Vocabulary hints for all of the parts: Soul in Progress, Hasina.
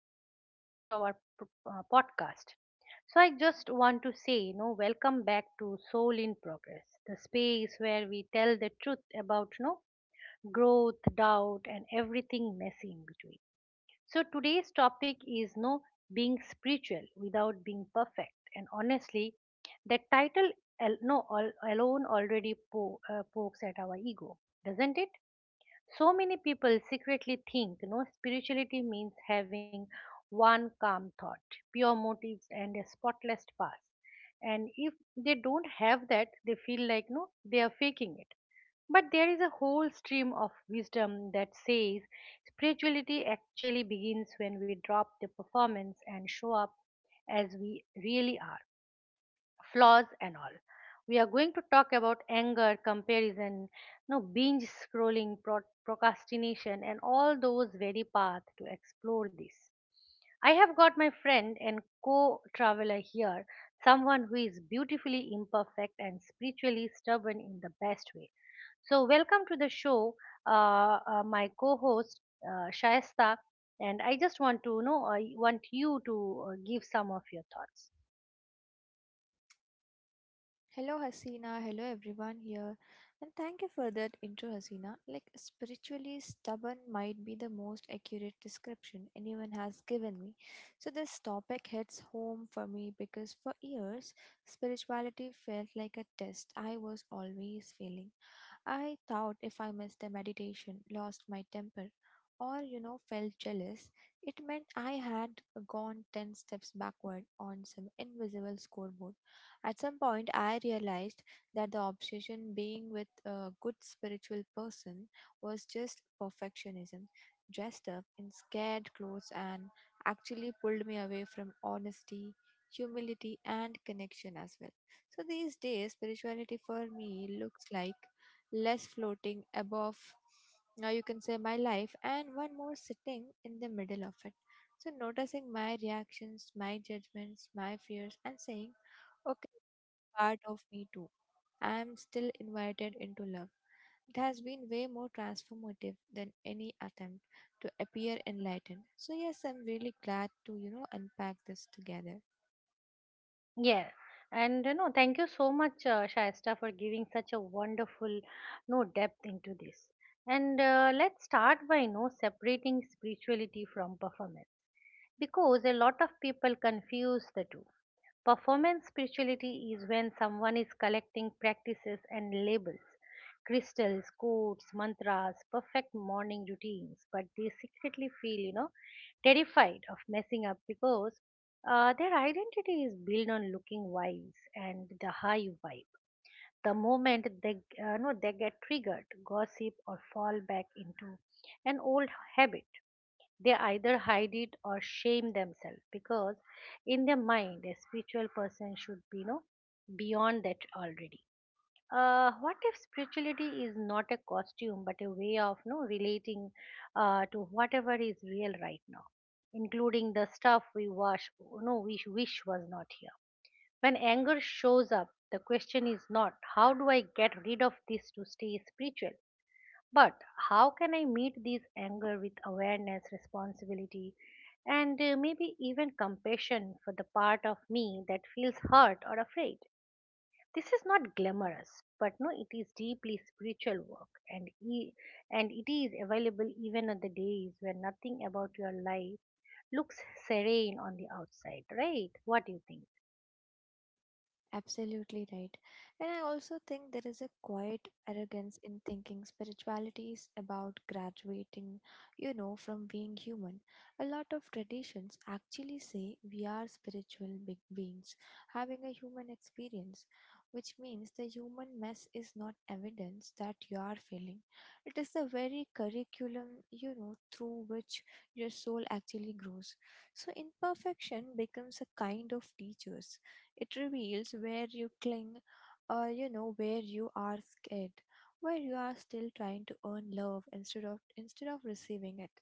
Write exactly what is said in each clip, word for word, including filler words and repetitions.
and welcome back to our p- uh, podcast. So, I just want to say, you know, welcome back to Soul in Progress, the space where we tell the truth about, you know, growth, doubt, and everything messy in between. So, today's topic is, you know, being spiritual without being perfect. And honestly, the title, al- no, al- alone already po- uh, pokes at our ego, doesn't it? So many people secretly think, you know, spirituality means having one calm thought, pure motives, and a spotless past. And if they don't have that, they feel like no, they are faking it. But there is a whole stream of wisdom that says spirituality actually begins when we drop the performance and show up as we really are, flaws and all. We are going to talk about anger, comparison, no, binge scrolling, pro- procrastination, and all those very path to explore this. I have got my friend and co-traveler here, someone who is beautifully imperfect and spiritually stubborn in the best way. So welcome to the show, uh, uh, my co-host, uh, Shaista, and I just want to know, I want you to uh, give some of your thoughts. Hello, Hasina. Hello, everyone here. And thank you for that intro, Hasina. Like, spiritually stubborn might be the most accurate description anyone has given me. So, this topic hits home for me because for years, spirituality felt like a test I was always failing. I thought if I missed a meditation, lost my temper, or you know, felt jealous, it meant I had gone ten steps backward on some invisible scoreboard. At some point, I realized that the obsession being with a good spiritual person was just perfectionism, dressed up in scared clothes, and actually pulled me away from honesty. Humility and connection as well. So these days, spirituality for me looks like less floating above now you can say my life and one more sitting in the middle of it, so noticing my reactions, my judgments, my fears and saying okay, part of me too, I am still invited into love. It has been way more transformative than any attempt to appear enlightened. So yes, i'm really glad to you know unpack this together. Yeah, and you know, thank you so much, uh, Shaista, for giving such a wonderful, no depth into this. And uh, let's start by you know separating spirituality from performance, because a lot of people confuse the two. Performance spirituality is when someone is collecting practices and labels, crystals, codes, mantras, perfect morning routines, but they secretly feel, you know, terrified of messing up because uh, their identity is built on looking wise and the high vibe. The moment they, uh, no, they get triggered, gossip or fall back into an old habit, they either hide it or shame themselves because in their mind a spiritual person should be, you know, beyond that already. Uh, what if spirituality is not a costume but a way of no relating uh, to whatever is real right now, including the stuff we wash, no, we wish was not here. When anger shows up, the question is not how do I get rid of this to stay spiritual, but how can I meet this anger with awareness, responsibility, and uh, maybe even compassion for the part of me that feels hurt or afraid? This is not glamorous, but no, it is deeply spiritual work, and e- and it is available even on the days when nothing about your life looks serene on the outside, right? What do you think? Absolutely right. And I also think there is a quiet arrogance in thinking spirituality is about graduating, you know, from being human. A lot of traditions actually say we are spiritual big beings having a human experience, which means the human mess is not evidence that you are failing. It is the very curriculum, you know, through which your soul actually grows. So imperfection becomes a kind of teacher. It reveals where you cling, or you know where you are scared, where you are still trying to earn love instead of instead of receiving it.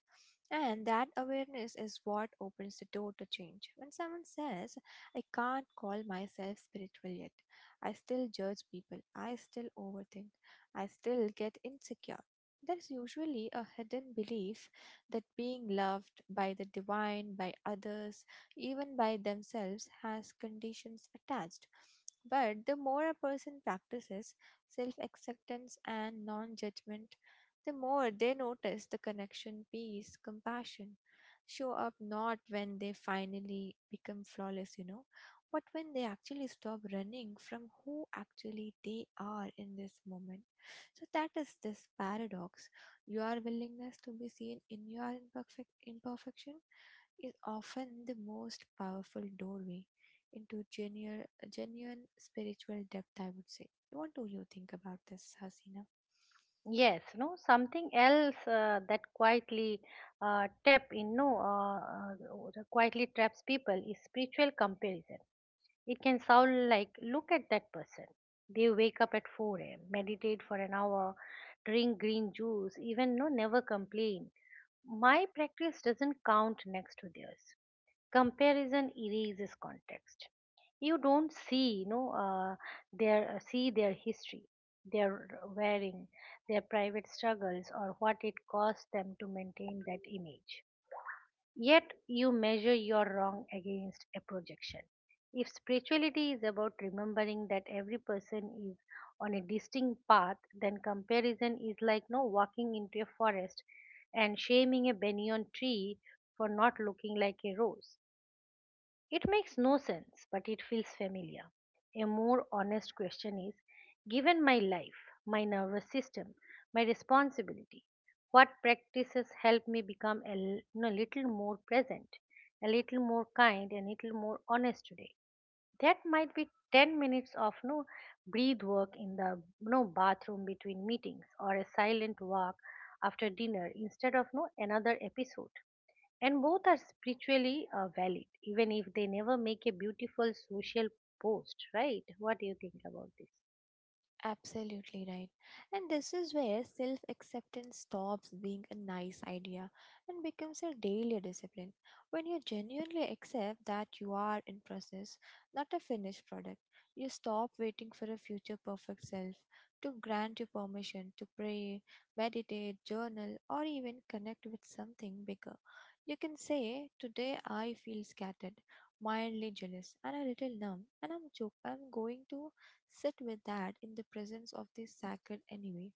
And that awareness is what opens the door to change. When someone says, I can't call myself spiritual yet, I still judge people, I still overthink, I still get insecure. There's usually a hidden belief that being loved by the divine, by others, even by themselves, has conditions attached. But the more a person practices self acceptance and non judgment, the more they notice the connection, peace, compassion show up not when they finally become flawless, you know, but when they actually stop running from who actually they are in this moment. So that is this paradox, your willingness to be seen in your imperfect imperfection is often the most powerful doorway into genuine, genuine spiritual depth, I would say. What do you think about this, Hasina? Yes, no, something else uh, that quietly uh, tap in, no, uh, uh, quietly traps people is spiritual comparison. It can sound like, look at that person. They wake up at four a m, meditate for an hour, drink green juice, even no, never complain. My practice doesn't count next to theirs. Comparison erases context. You don't see you know uh, their uh, see their history, their wearing, their private struggles, or what it cost them to maintain that image. Yet you measure your wrong against a projection. If spirituality is about remembering that every person is on a distinct path, then comparison is like no walking into a forest and shaming a banyan tree for not looking like a rose. It makes no sense, but it feels familiar. A more honest question is, given my life, my nervous system, my responsibility, what practices help me become a l- you know, little more present, a little more kind, a little more honest today? That might be ten minutes of no breathe work in the no bathroom between meetings, or a silent walk after dinner instead of no another episode. And both are spiritually uh, valid, even if they never make a beautiful social post, right? What do you think about this? Absolutely right. And this is where self acceptance stops being a nice idea and becomes a daily discipline. When you genuinely accept that you are in process, not a finished product, you stop waiting for a future perfect self to grant you permission to pray, meditate, journal, or even connect with something bigger. You can say, today I feel scattered, mildly jealous, and a little numb, and I'm, jo- I'm going to sit with that in the presence of the sacred enemy,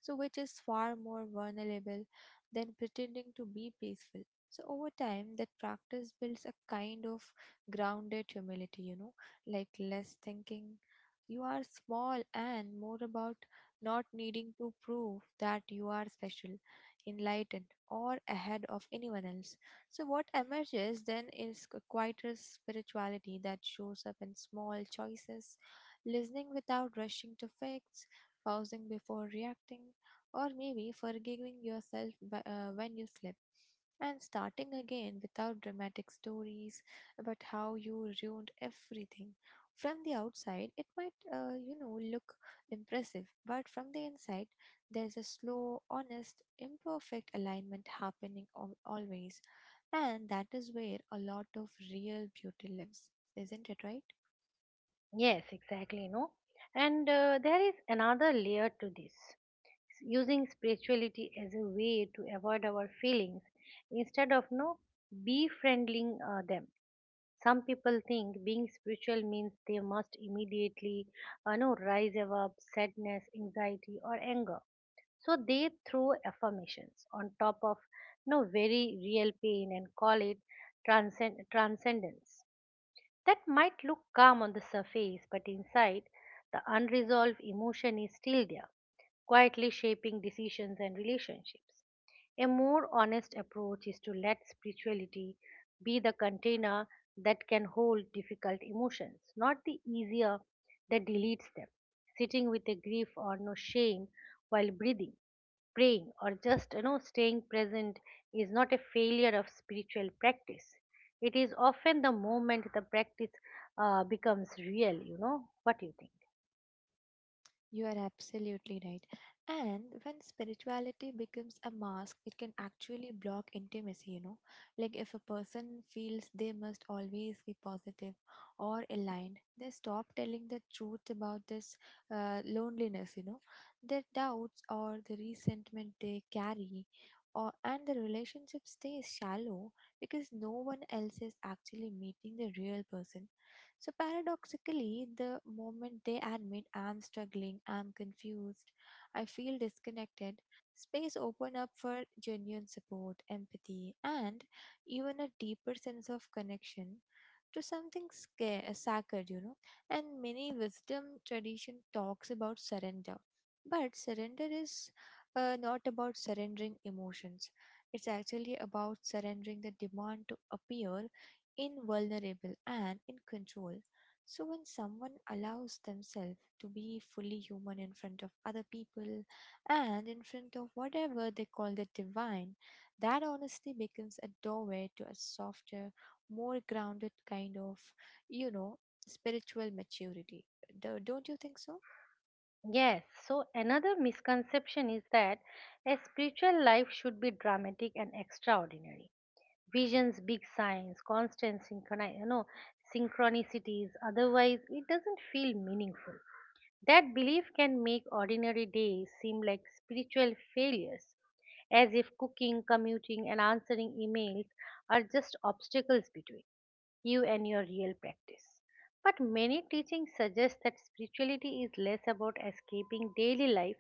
so which is far more vulnerable than pretending to be peaceful. So over time, that practice builds a kind of grounded humility, you know, like less thinking you are small and more about not needing to prove that you are special, enlightened, or ahead of anyone else. So, what emerges then is a quieter spirituality that shows up in small choices, listening without rushing to fix, pausing before reacting, or maybe forgiving yourself wh- uh, when you slip and starting again without dramatic stories about how you ruined everything. From the outside, it might, uh, you know, look impressive, but from the inside, there's a slow, honest, imperfect alignment happening al- always, and that is where a lot of real beauty lives, isn't it right? Yes, exactly, no. And uh, there is another layer to this. S- using spirituality as a way to avoid our feelings instead of no befriending uh, them. Some people think being spiritual means they must immediately uh, no rise above sadness, anxiety, or anger. So they throw affirmations on top of no very real pain and call it transcend- transcendence. That might look calm on the surface, but inside, the unresolved emotion is still there, quietly shaping decisions and relationships. A more honest approach is to let spirituality be the container that can hold difficult emotions, not the easier that deletes them. Sitting with a grief or no shame while breathing, praying, or just you know staying present is not a failure of spiritual practice. It is often the moment the practice uh, becomes real, you know. What do you think? You are absolutely right. And when spirituality becomes a mask, it can actually block intimacy, you know. Like if a person feels they must always be positive or aligned, they stop telling the truth about this uh, loneliness, you know. Their doubts or the resentment they carry. Or, and the relationship stays shallow because no one else is actually meeting the real person. So paradoxically, the moment they admit I'm struggling, I'm confused, I feel disconnected, space open up for genuine support, empathy, and even a deeper sense of connection to something sca- uh, sacred, you know. And many wisdom tradition talks about surrender, but surrender is uh, not about surrendering emotions. It's actually about surrendering the demand to appear invulnerable and in control. So when someone allows themselves to be fully human in front of other people and in front of whatever they call the divine, that honestly becomes a doorway to a softer, more grounded kind of, you know, spiritual maturity. Do- Don't you think so? Yes, so another misconception is that a spiritual life should be dramatic and extraordinary, visions, big signs, constant synchroni- you know synchronicities, otherwise it doesn't feel meaningful. That belief can make ordinary days seem like spiritual failures, as if cooking, commuting, and answering emails are just obstacles between you and your real practice. But many teachings suggest that spirituality is less about escaping daily life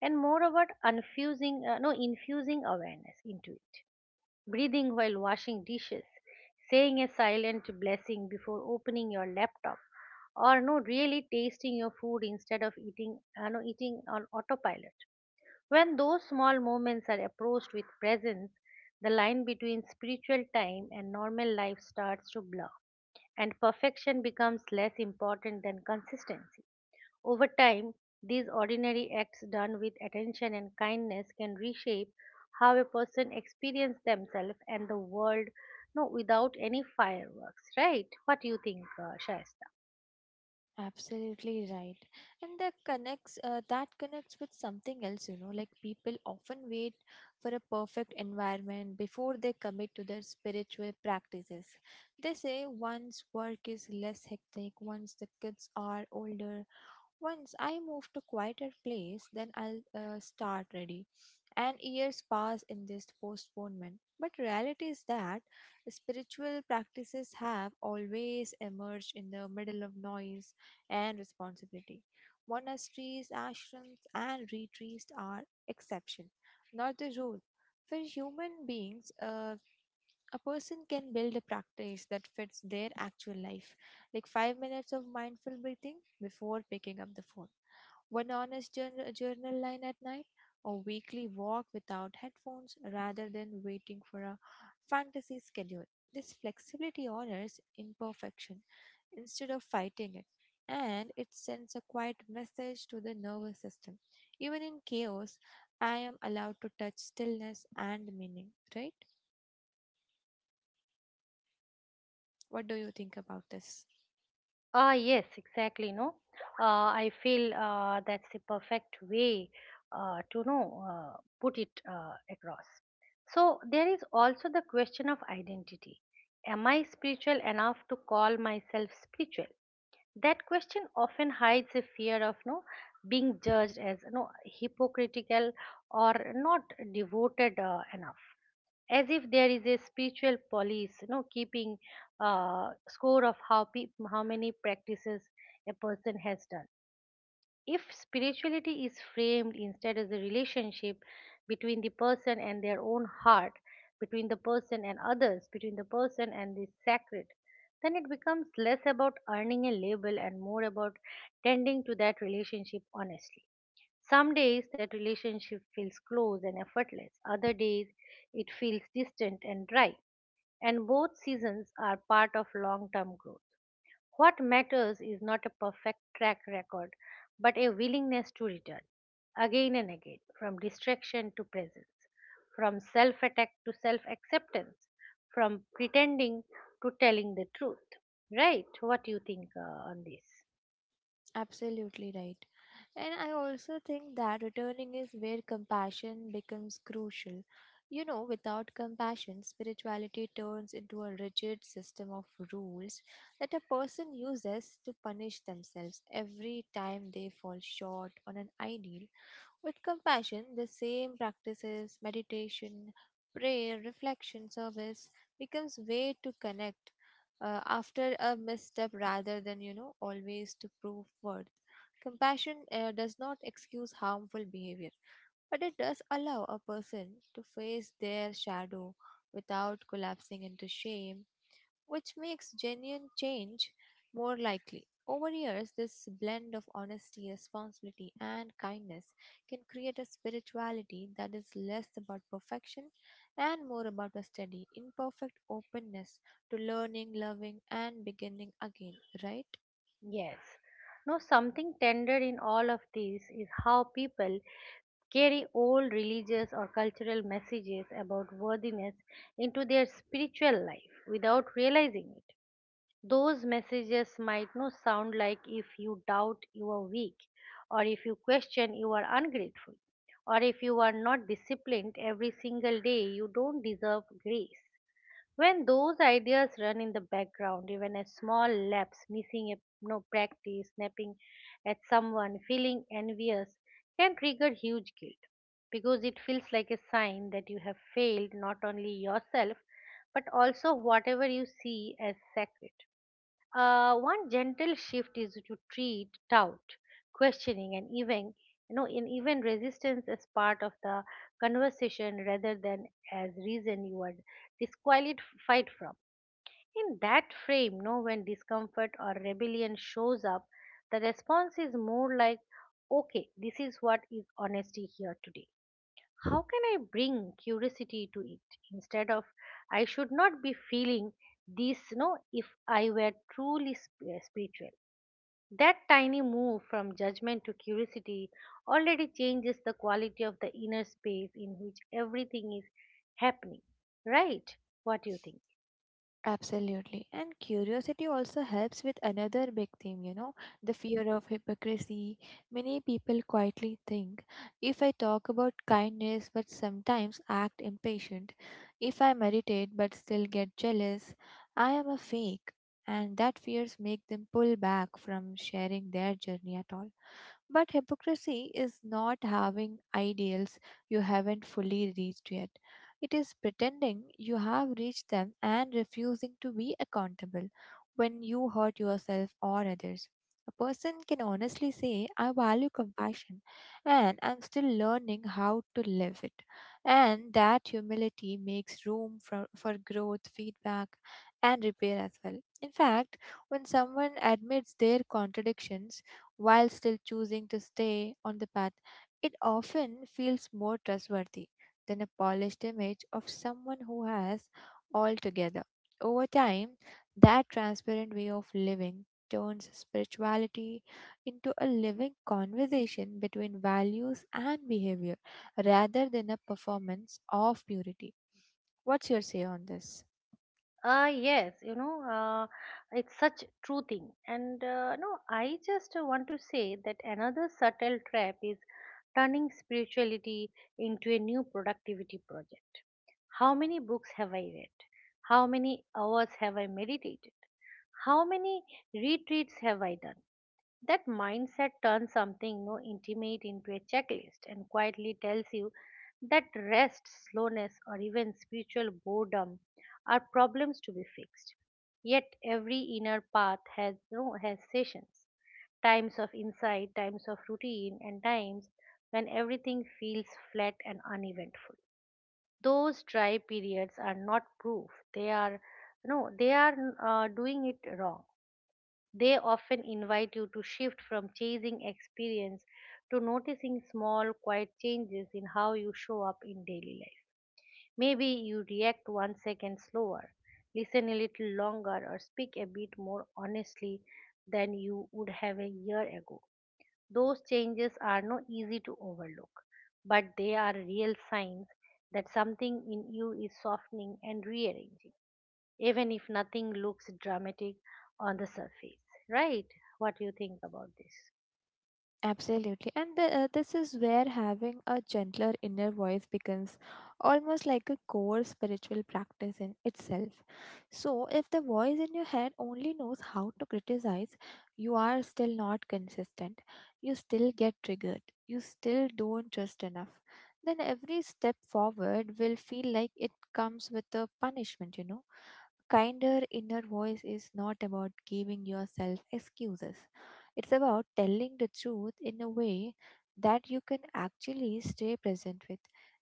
and more about infusing, uh, no, infusing awareness into it, breathing while washing dishes, saying a silent blessing before opening your laptop, or no, really tasting your food instead of eating, uh, no, eating on autopilot. When those small moments are approached with presence, the line between spiritual time and normal life starts to blur, and perfection becomes less important than consistency. Over time, these ordinary acts done with attention and kindness can reshape how a person experiences themselves and the world, no, without any fireworks, right? What do you think, uh, Shaista? Absolutely right. And that connects uh, that connects with something else, you know, like people often wait for a perfect environment before they commit to their spiritual practices. They say once work is less hectic, once the kids are older, once I move to quieter place, then I'll uh, start ready. And years pass in this postponement. But reality is that spiritual practices have always emerged in the middle of noise and responsibility. Monasteries, ashrams, and retreats are exception, not the rule. For human beings, uh, a person can build a practice that fits their actual life, like five minutes of mindful breathing before picking up the phone, one honest journal, journal line at night, a weekly walk without headphones rather than waiting for a fantasy schedule. This flexibility honors imperfection instead of fighting it, and it sends a quiet message to the nervous system. Even in chaos, I am allowed to touch stillness and meaning, right? What do you think about this? Ah, yes, exactly. No, uh, I feel uh, that's the perfect way uh, to know uh, put it uh, across. So there is also the question of identity. Am I spiritual enough to call myself spiritual? That question often hides a fear of no being judged as no hypocritical, or not devoted uh, enough, as if there is a spiritual police, you know, keeping uh, score of how pe- how many practices a person has done. If spirituality is framed instead as a relationship between the person and their own heart, between the person and others, between the person and the sacred, then it becomes less about earning a label and more about tending to that relationship honestly. Some days that relationship feels close and effortless, other days it feels distant and dry, and both seasons are part of long term growth. What matters is not a perfect track record, but a willingness to return again and again, from distraction to presence, from self attack to self acceptance, from pretending to telling the truth. Right? What do you think, uh, on this? Absolutely right. And I also think that returning is where compassion becomes crucial. You know, without compassion, spirituality turns into a rigid system of rules that a person uses to punish themselves every time they fall short on an ideal. With compassion, the same practices, meditation, prayer, reflection, service becomes way to connect uh, after a misstep rather than, you know, always to prove worth. Compassion uh, does not excuse harmful behavior, but it does allow a person to face their shadow without collapsing into shame, which makes genuine change more likely. Over years, this blend of honesty, responsibility, and kindness can create a spirituality that is less about perfection and more about a steady, imperfect openness to learning, loving, and beginning again, right? Yes. No, something tender in all of this is how people carry old religious or cultural messages about worthiness into their spiritual life without realizing it. Those messages might not sound like, if you doubt you are weak, or if you question you are ungrateful, or if you are not disciplined every single day, you don't deserve grace. When those ideas run in the background, even a small lapse, missing a no practice, snapping at someone, feeling envious, can trigger huge guilt because it feels like a sign that you have failed not only yourself but also whatever you see as sacred. Uh, one gentle shift is to treat doubt, questioning, and even you know, in even resistance as part of the conversation rather than as reason you are disqualified from. In that frame, you know, when discomfort or rebellion shows up, the response is more like, "Okay, this is what is honesty here today." How can I bring curiosity to it instead of, I should not be feeling this, no, if I were truly sp- uh, spiritual? That tiny move from judgment to curiosity already changes the quality of the inner space in which everything is happening, right? What do you think? Absolutely. And curiosity also helps with another big theme, you know, the fear of hypocrisy. Many people quietly think if I talk about kindness but sometimes act impatient, if I meditate but still get jealous, I am a fake. And that fears make them pull back from sharing their journey at all. But hypocrisy is not having ideals you haven't fully reached yet. It is pretending you have reached them and refusing to be accountable when you hurt yourself or others. A person can honestly say, I value compassion and I'm still learning how to live it. And that humility makes room for, for growth, feedback, and repair as well. In fact, when someone admits their contradictions while still choosing to stay on the path, it often feels more trustworthy than a polished image of someone who has all together. Over time, that transparent way of living turns spirituality into a living conversation between values and behavior rather than a performance of purity. What's your say on this? Uh, yes, you know, uh, it's such true thing. And uh, no, I just uh, want to say that another subtle trap is turning spirituality into a new productivity project. How many books have I read? How many hours have I meditated? How many retreats have I done? That mindset turns something no intimate into a checklist and quietly tells you that rest, slowness, or even spiritual boredom are problems to be fixed. Yet every inner path has no has sessions, times of insight, times of routine, and times when everything feels flat and uneventful. Those dry periods are not proof; they are no, they are uh, doing it wrong. They often invite you to shift from chasing experience to noticing small, quiet changes in how you show up in daily life. Maybe you react one second slower, listen a little longer, or speak a bit more honestly than you would have a year ago. Those changes are not easy to overlook, but they are real signs that something in you is softening and rearranging, even if nothing looks dramatic on the surface, right? What do you think about this? Absolutely. And the, uh, this is where having a gentler inner voice becomes almost like a core spiritual practice in itself. So, if the voice in your head only knows how to criticize, you are still not consistent. You still get triggered. You still don't trust enough. Then every step forward will feel like it comes with a punishment, you know kinder inner voice is not about giving yourself excuses. It's about telling the truth in a way that you can actually stay present with.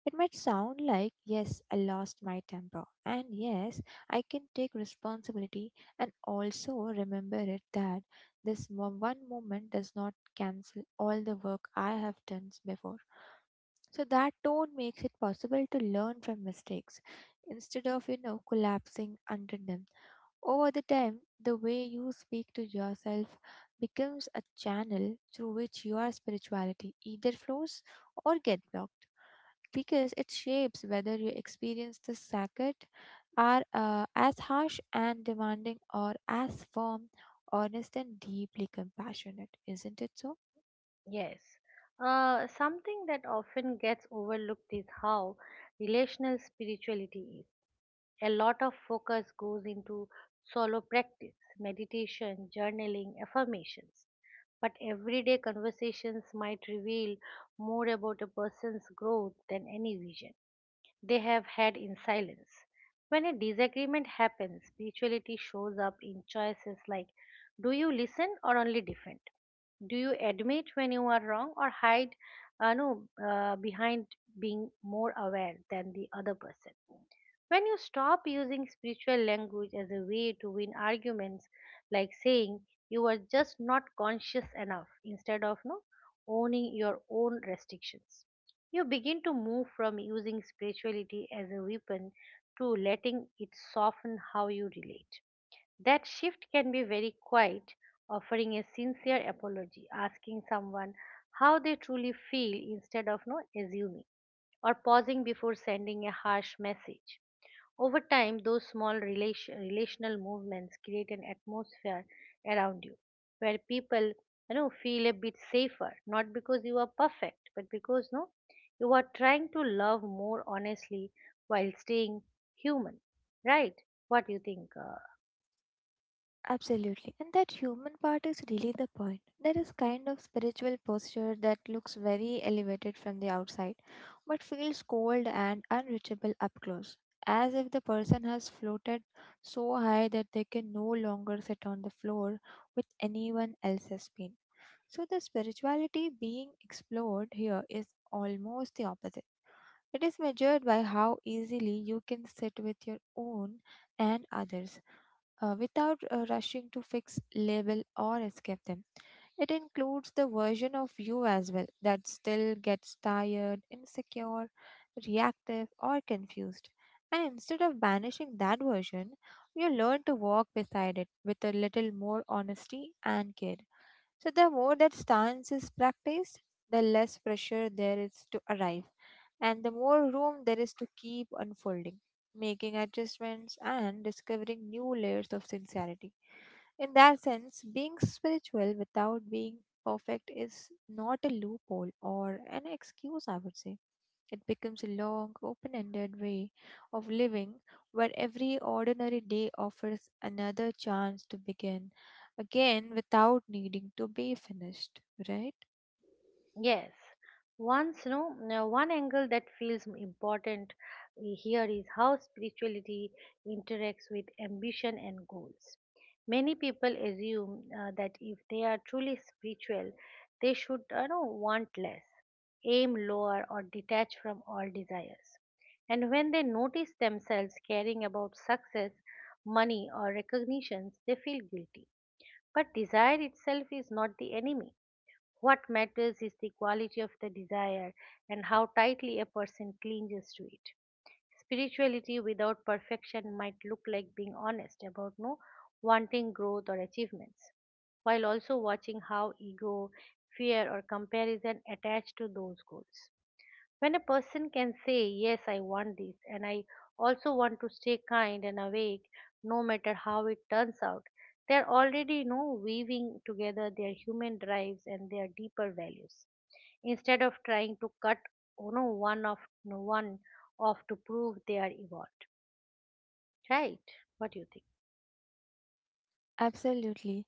It might sound like, yes, I lost my temper, and yes, I can take responsibility and also remember it that this mo- one moment does not cancel all the work I have done before. So that tone makes it possible to learn from mistakes instead of, you know, collapsing under them. Over the time, the way you speak to yourself becomes a channel through which your spirituality either flows or get blocked because it shapes whether you experience the sacred are uh, as harsh and demanding or as firm, honest and deeply compassionate, isn't it so? Yes. Uh, something that often gets overlooked is how relational spirituality is. A lot of focus goes into solo practice, meditation, journaling, affirmations. But everyday conversations might reveal more about a person's growth than any vision they have had in silence. When a disagreement happens, spirituality shows up in choices like, do you listen or only defend? Do you admit when you are wrong, or hide uh, no, uh, behind being more aware than the other person? When you stop using spiritual language as a way to win arguments, like saying you are just not conscious enough, instead of no, owning your own restrictions. You begin to move from using spirituality as a weapon to letting it soften how you relate. That shift can be very quiet, offering a sincere apology, asking someone how they truly feel instead of no assuming, or pausing before sending a harsh message. Over time, those small relation, relational movements create an atmosphere around you where people you know feel a bit safer, not because you are perfect, but because no, you are trying to love more honestly while staying human, right? What do you think? Uh, Absolutely. And that human part is really the point. There is kind of spiritual posture that looks very elevated from the outside, but feels cold and unreachable up close, as if the person has floated so high that they can no longer sit on the floor with anyone else's pain. So the spirituality being explored here is almost the opposite. It is measured by how easily you can sit with your own and others uh, without uh, rushing to fix, label, or escape them. It includes the version of you as well that still gets tired, insecure, reactive, or confused. And instead of banishing that version, you learn to walk beside it with a little more honesty and care. So the more that stance is practiced, the less pressure there is to arrive, and the more room there is to keep unfolding, making adjustments and discovering new layers of sincerity. In that sense, being spiritual without being perfect is not a loophole or an excuse, I would say. It becomes a long, open ended way of living where every ordinary day offers another chance to begin again without needing to be finished, right? Yes. once no, Now, one angle that feels important eh, here is how spirituality interacts with ambition and goals. Many people assume uh, that if they are truly spiritual, they should, you know, want less, aim lower, or detach from all desires. And when they notice themselves caring about success, money, or recognitions, they feel guilty. But desire itself is not the enemy. What matters is the quality of the desire and how tightly a person clings to it. Spirituality without perfection might look like being honest about no wanting growth or achievements, while also watching how ego, fear, or comparison attach to those goals. When a person can say, yes, I want this, and I also want to stay kind and awake no matter how it turns out, they are already, you know, weaving together their human drives and their deeper values. Instead of trying to cut you know, one of one off to prove they are evolved. Right? What do you think? Absolutely.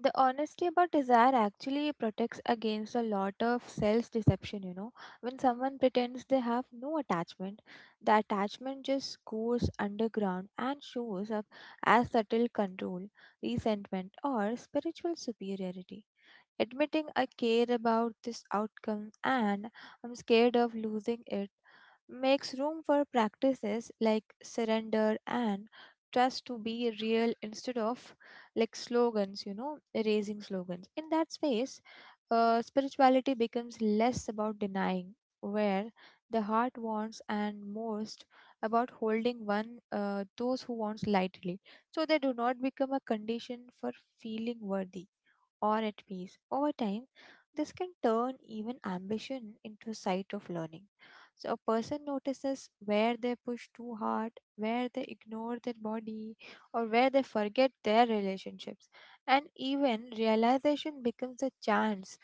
The honesty about desire actually protects against a lot of self deception, you know. When someone pretends they have no attachment, the attachment just goes underground and shows up as subtle control, resentment, or spiritual superiority. Admitting I care about this outcome and I'm scared of losing it makes room for practices like surrender and trust to be real instead of like slogans, you know, erasing slogans. In that space, uh, spirituality becomes less about denying where the heart wants and most about holding one uh, those who wants lightly so they do not become a condition for feeling worthy or at peace over time. This can turn even ambition into a site of learning, so a person notices where they push too hard, where they ignore their body, or where they forget their relationships. And even realization becomes a chance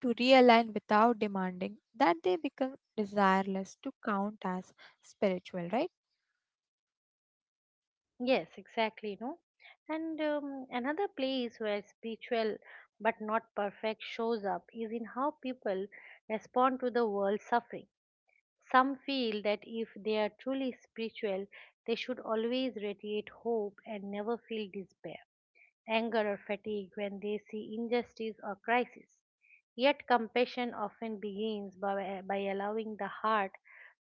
to realign without demanding that they become desireless to count as spiritual, right? Yes, exactly, no? And um, another place where spiritual but not perfect shows up is in how people respond to the world's suffering. Some feel that if they are truly spiritual, they should always radiate hope and never feel despair, anger, or fatigue when they see injustice or crisis. Yet compassion often begins by, by allowing the heart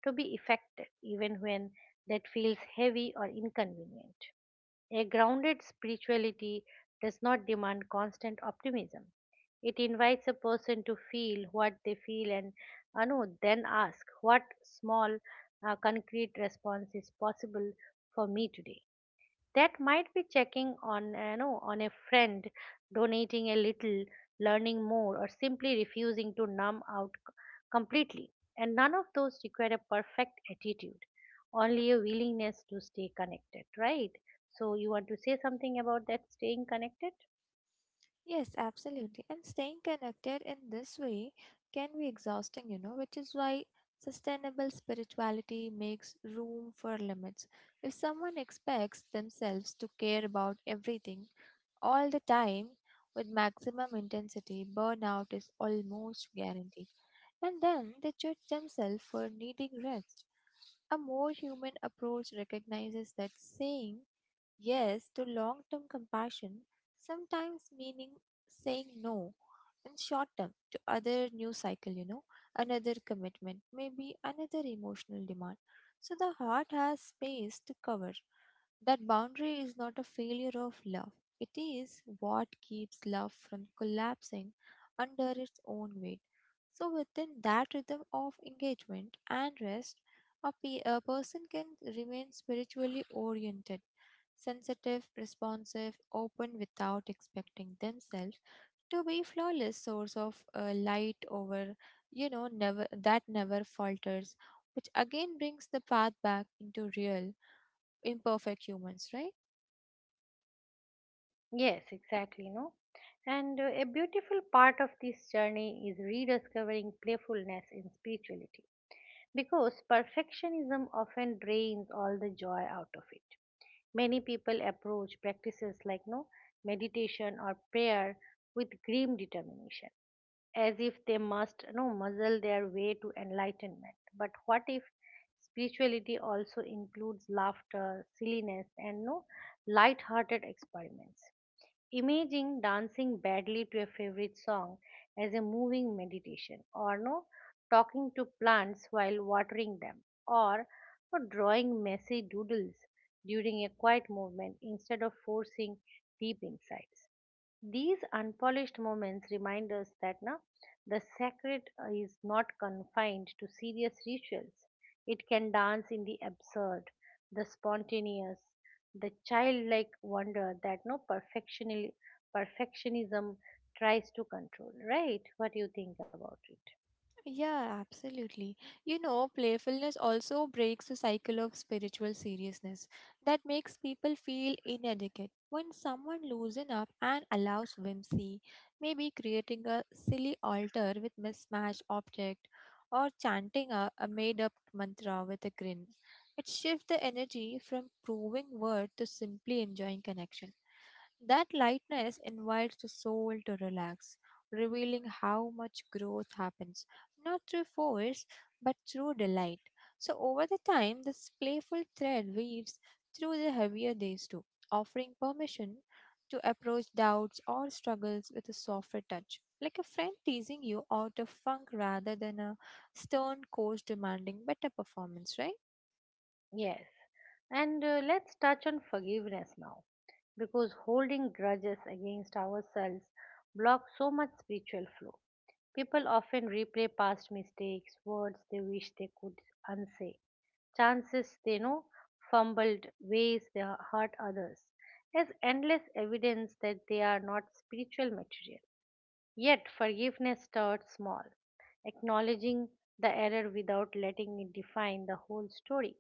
to be affected, even when that feels heavy or inconvenient. A grounded spirituality does not demand constant optimism. It invites a person to feel what they feel, and Anu then ask what small, uh, concrete response is possible for me today. That might be checking on you know on a friend, donating a little, learning more, or simply refusing to numb out c- completely. And none of those require a perfect attitude, only a willingness to stay connected, right? So you want to say something about that staying connected? Yes, absolutely. And staying connected in this way can be exhausting, you know, which is why sustainable spirituality makes room for limits. If someone expects themselves to care about everything all the time with maximum intensity, burnout is almost guaranteed. And then they judge themselves for needing rest. A more human approach recognizes that saying yes to long term compassion, sometimes meaning saying no in short term to other new cycle, you know, another commitment, maybe another emotional demand. So the heart has space to cover. That boundary is not a failure of love. It is what keeps love from collapsing under its own weight. So, within that rhythm of engagement and rest, a, pe- a person can remain spiritually oriented, sensitive, responsive, open without expecting themselves to be flawless source of uh, light over, you know, never that never falters, which again brings the path back into real, imperfect humans, right? Yes, exactly, no? And uh, a beautiful part of this journey is rediscovering playfulness in spirituality, because perfectionism often drains all the joy out of it. Many people approach practices like no meditation or prayer with grim determination, as if they must no muzzle their way to enlightenment. But what if spirituality also includes laughter, silliness, and no light-hearted experiments? Imagine dancing badly to a favorite song as a moving meditation, or no talking to plants while watering them, or no drawing messy doodles during a quiet movement instead of forcing deep insights. These unpolished moments remind us that, na, the sacred, uh, is not confined to serious rituals. It can dance in the absurd, the spontaneous, the childlike wonder that no perfectioni- perfectionism tries to control. Right? What do you think about it? Yeah, absolutely. You know, playfulness also breaks the cycle of spiritual seriousness that makes people feel inadequate. When someone loosens up and allows whimsy, maybe creating a silly altar with mismatched object or chanting a, a made-up mantra with a grin, it shifts the energy from proving worth to simply enjoying connection. That lightness invites the soul to relax, revealing how much growth happens, not through force, but through delight. So, over the time, this playful thread weaves through the heavier days too, offering permission to approach doubts or struggles with a softer touch, like a friend teasing you out of funk rather than a stern coach demanding better performance, right? Yes. And uh, let's touch on forgiveness now, because holding grudges against ourselves blocks so much spiritual flow. People often replay past mistakes, words they wish they could unsay, chances they know fumbled, ways they hurt others. There's endless evidence that they are not spiritual material. Yet forgiveness starts small, acknowledging the error without letting it define the whole story,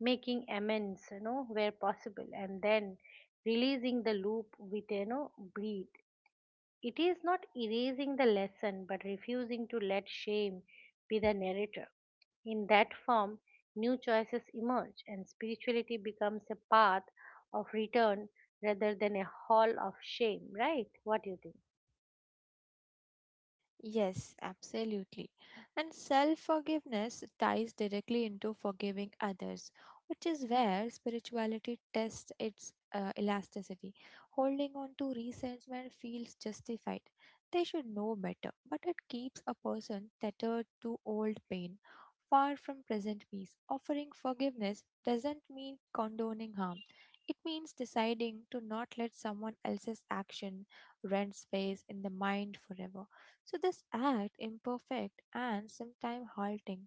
making amends, you know, where possible, and then releasing the loop with you know breathe. It is not erasing the lesson but refusing to let shame be the narrator. In that form, new choices emerge, and spirituality becomes a path of return rather than a hall of shame, right? What do you think? Yes, absolutely. And self forgiveness ties directly into forgiving others, which is where spirituality tests its uh, elasticity. Holding on to resentment feels justified. They should know better, but it keeps a person tethered to old pain, far from present peace. Offering forgiveness doesn't mean condoning harm. It means deciding to not let someone else's action rent space in the mind forever. So, this act, imperfect and sometimes halting,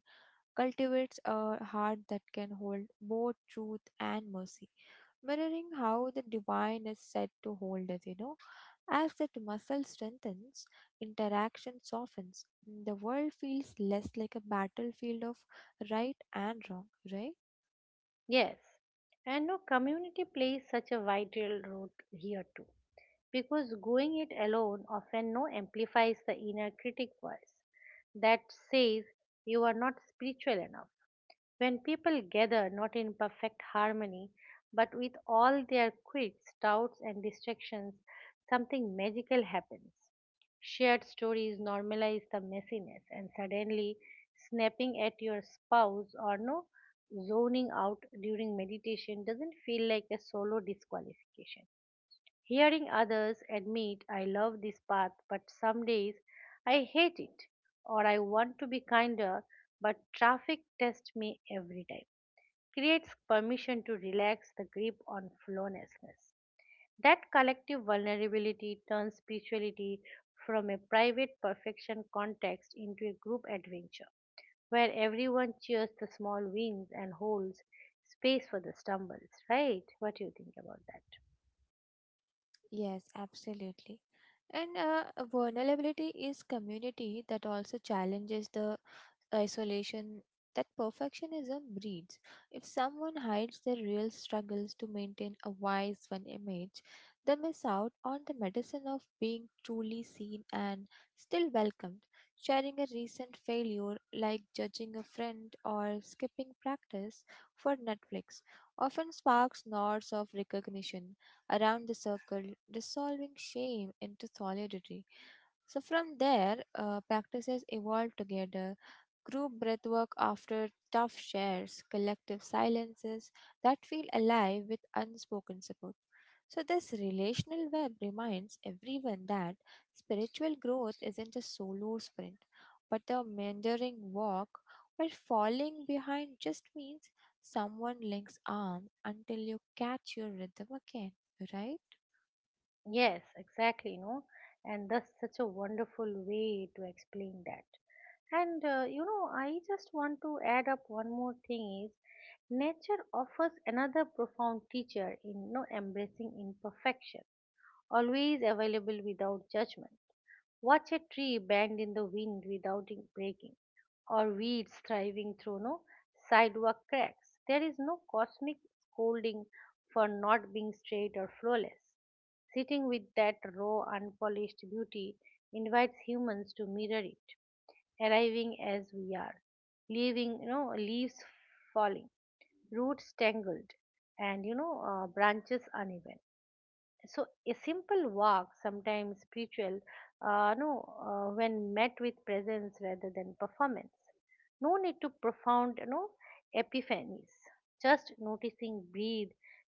cultivates a heart that can hold both truth and mercy, mirroring how the divine is said to hold us, you know. As that muscle strengthens, interaction softens, the world feels less like a battlefield of right and wrong, right? Yes. And no community plays such a vital role here too, because going it alone often no amplifies the inner critic voice that says, you are not spiritual enough. When people gather not in perfect harmony, but with all their quirks, doubts, and distractions, something magical happens. Shared stories normalize the messiness, and suddenly snapping at your spouse or no zoning out during meditation doesn't feel like a solo disqualification. Hearing others admit, I love this path, but some days I hate it, or I want to be kinder, but traffic tests me every time, creates permission to relax the grip on flawlessness. That collective vulnerability turns spirituality from a private perfection context into a group adventure where everyone cheers the small wins and holds space for the stumbles, right? What do you think about that? Yes, absolutely. And uh, vulnerability is community that also challenges the isolation that perfectionism breeds. If someone hides their real struggles to maintain a wise one image, they miss out on the medicine of being truly seen and still welcomed. Sharing a recent failure, like judging a friend or skipping practice for Netflix, often sparks nods of recognition around the circle, dissolving shame into solidarity. So from there, uh, practices evolved together. Group breathwork after tough shares, collective silences that feel alive with unspoken support. So, this relational web reminds everyone that spiritual growth isn't a solo sprint, but a meandering walk where falling behind just means someone links arms until you catch your rhythm again, right? Yes, exactly, no? And that's such a wonderful way to explain that. And uh, you know, I just want to add up one more thing is, nature offers another profound teacher in, you know, embracing imperfection, always available without judgment. Watch a tree bend in the wind without it breaking, or weeds thriving through no sidewalk cracks. There is no cosmic scolding for not being straight or flawless. Sitting with that raw, unpolished beauty invites humans to mirror it, arriving as we are, leaving, you know leaves falling, roots tangled, and, you know uh, branches uneven. So a simple walk sometimes spiritual, uh, no uh, when met with presence rather than performance, no need to profound, you know epiphanies, just noticing breathe,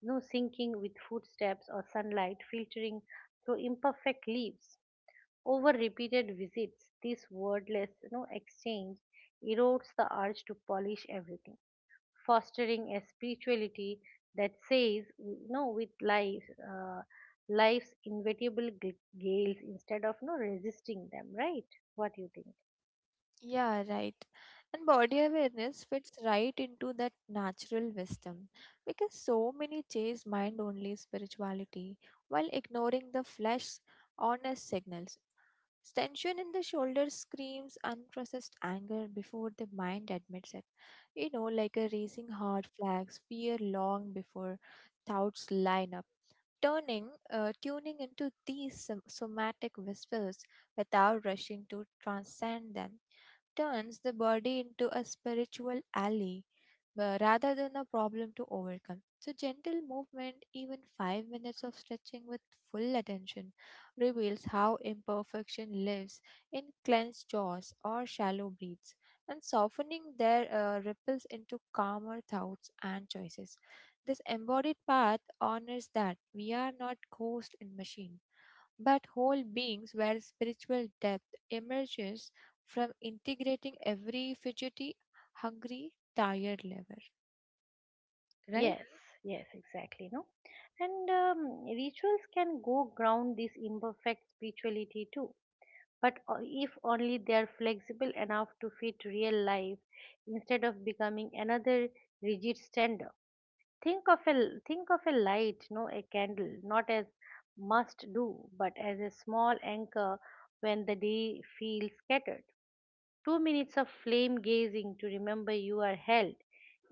no sinking with footsteps or sunlight filtering through imperfect leaves. Over repeated visits, this wordless, you know exchange erodes the urge to polish everything, fostering a spirituality that says no with life, uh, life's inevitable g- gales instead of no resisting them, right? What do you think? Yeah, right. And body awareness fits right into that natural wisdom because so many chase mind only spirituality while ignoring the flesh's honest signals. Tension in the shoulder screams unprocessed anger before the mind admits it. You know, like a racing heart flags fear long before thoughts line up. Turning, uh, tuning into these som- somatic whispers without rushing to transcend them turns the body into a spiritual ally uh, rather than a problem to overcome. So, gentle movement, even five minutes of stretching with full attention, reveals how imperfection lives in clenched jaws or shallow breaths, and softening their uh, ripples into calmer thoughts and choices. This embodied path honors that we are not ghosts in machines but whole beings where spiritual depth emerges from integrating every fidgety, hungry, tired lever, right? Yes, yes, exactly. No, and um, rituals can go ground this imperfect spirituality too. But o- if only they are flexible enough to fit real life instead of becoming another rigid standard. Think of a, think of a light, no, a candle, not as must do, but as a small anchor when the day feels scattered. Two minutes of flame gazing to remember you are held,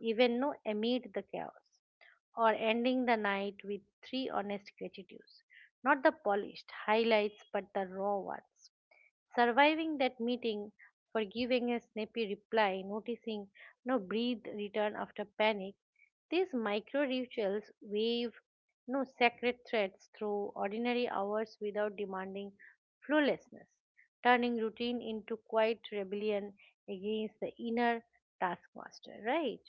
even no amid the chaos, or ending the night with three honest gratitudes, not the polished highlights, but the raw ones. Surviving that meeting, for giving a snappy reply, noticing no breathe return after panic, these micro rituals wave no sacred threads through ordinary hours without demanding flawlessness, turning routine into quiet rebellion against the inner taskmaster, right?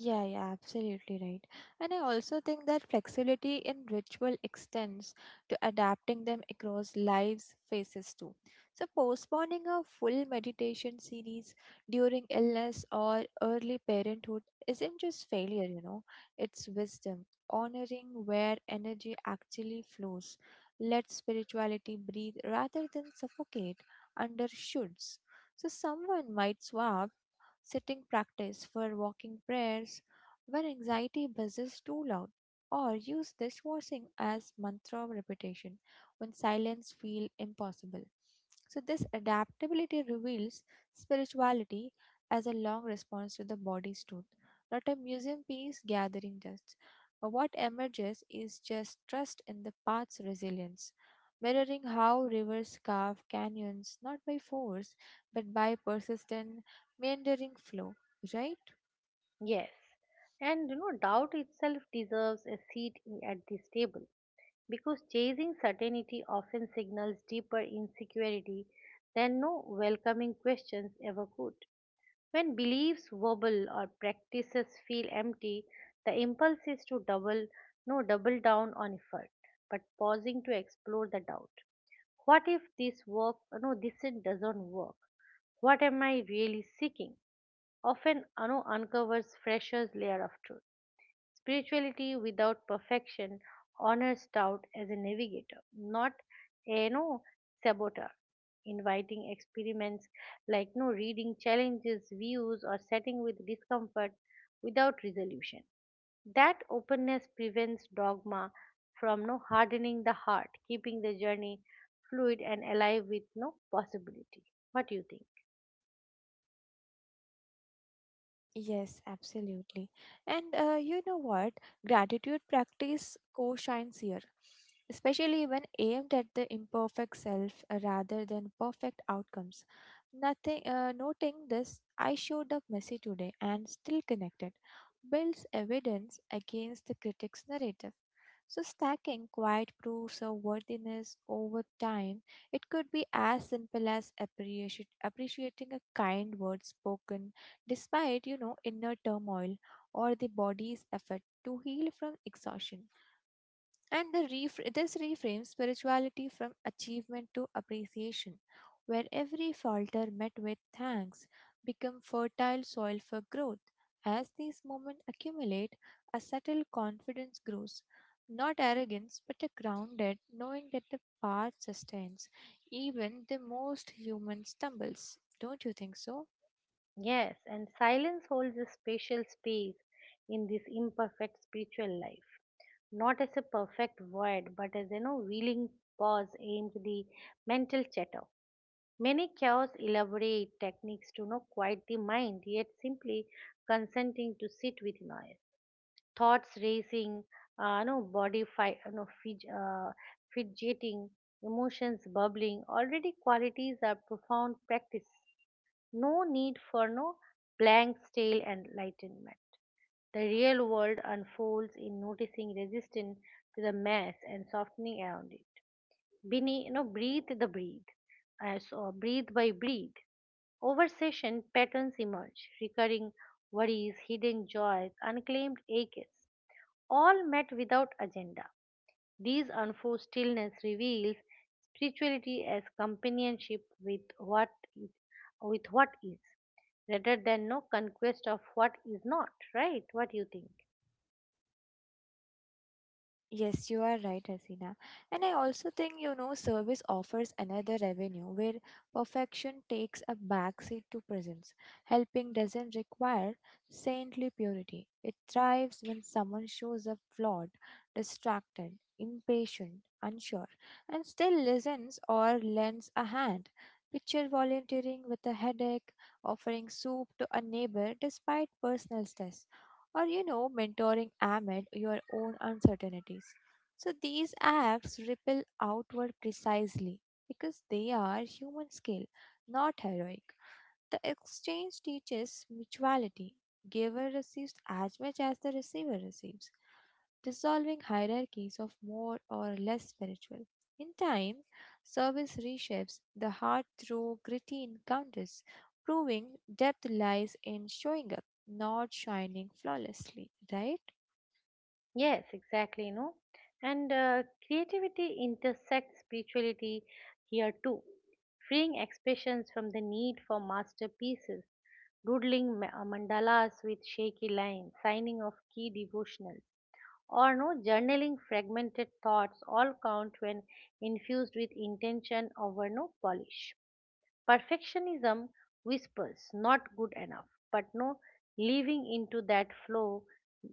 Yeah, yeah, absolutely right. And I also think that flexibility in ritual extends to adapting them across lives' phases too. So, postponing a full meditation series during illness or early parenthood isn't just failure, you know, it's wisdom. Honoring where energy actually flows. Let spirituality breathe rather than suffocate under shoulds. So, someone might swap sitting practice for walking prayers when anxiety buzzes too loud, or use dishwashing as mantra repetition when silence feels impossible. So, this adaptability reveals spirituality as a long response to the body's truth, not a museum piece gathering dust. But what emerges is just trust in the path's resilience, mirroring how rivers carve canyons not by force but by persistence meandering flow, right? Yes. And you know, doubt itself deserves a seat in- at this table, because chasing certainty often signals deeper insecurity than no welcoming questions ever could. When beliefs wobble or practices feel empty, the impulse is to double no double down on effort, but pausing to explore the doubt. What if this work no this it doesn't work? What am I really seeking? Often ano uncovers fresher's layer of truth. Spirituality without perfection honors doubt as a navigator, not a no saboteur, inviting experiments like no reading challenges, views, or setting with discomfort without resolution. That openness prevents dogma from no hardening the heart, keeping the journey fluid and alive with no possibility. What do you think? Yes, absolutely. And uh, you know what? Gratitude practice co shines here, especially when aimed at the imperfect self uh, rather than perfect outcomes. Nothing, uh, Noting this, I showed up messy today and still connected, builds evidence against the critic's narrative. So, stacking quiet proofs of worthiness over time, it could be as simple as appreciati- appreciating a kind word spoken despite, you know, inner turmoil or the body's effort to heal from exhaustion, and the refra- this reframes spirituality from achievement to appreciation, where every falter met with thanks become fertile soil for growth. As these moments accumulate, a subtle confidence grows, not arrogance but a grounded knowing that the path sustains even the most human stumbles, don't you think so? Yes, and silence holds a special space in this imperfect spiritual life, not as a perfect void, but as, you know, willing pause aimed the mental chatter. Many cures elaborate techniques to know quiet the mind, yet simply consenting to sit with noise. Thoughts racing, uh, no body fi- uh, no, fidg- uh, fidgeting, emotions bubbling, already qualities are profound practice. No need for no blank, stale enlightenment. The real world unfolds in noticing resistance to the mass and softening around it. Bini, you know, breathe the breathe, as or breathe by breathe. Over session, patterns emerge, recurring worries, hidden joys, unclaimed aches, all met without agenda. These unforced stillness reveals spirituality as companionship with what is, with what is rather than no conquest of what is not. Right? What do you think? Yes, you are right, Hasina. And I also think, you know, service offers another revenue where perfection takes a backseat to presence. Helping doesn't require saintly purity. It thrives when someone shows up flawed, distracted, impatient, unsure, and still listens or lends a hand. Picture volunteering with a headache, offering soup to a neighbor despite personal stress or, you know, mentoring amid your own uncertainties. So these acts ripple outward precisely because they are human skill, not heroic. The exchange teaches mutuality, giver receives as much as the receiver receives, dissolving hierarchies of more or less spiritual. In time, service reshapes the heart through gritty encounters, proving depth lies in showing up, not shining flawlessly, right? Yes, exactly, you know. And uh, creativity intersects spirituality here too, freeing expressions from the need for masterpieces. Doodling ma- uh, mandalas with shaky lines, signing of key devotionals, or no journaling fragmented thoughts, all count when infused with intention over no polish. Perfectionism whispers, not good enough, but no living into that flow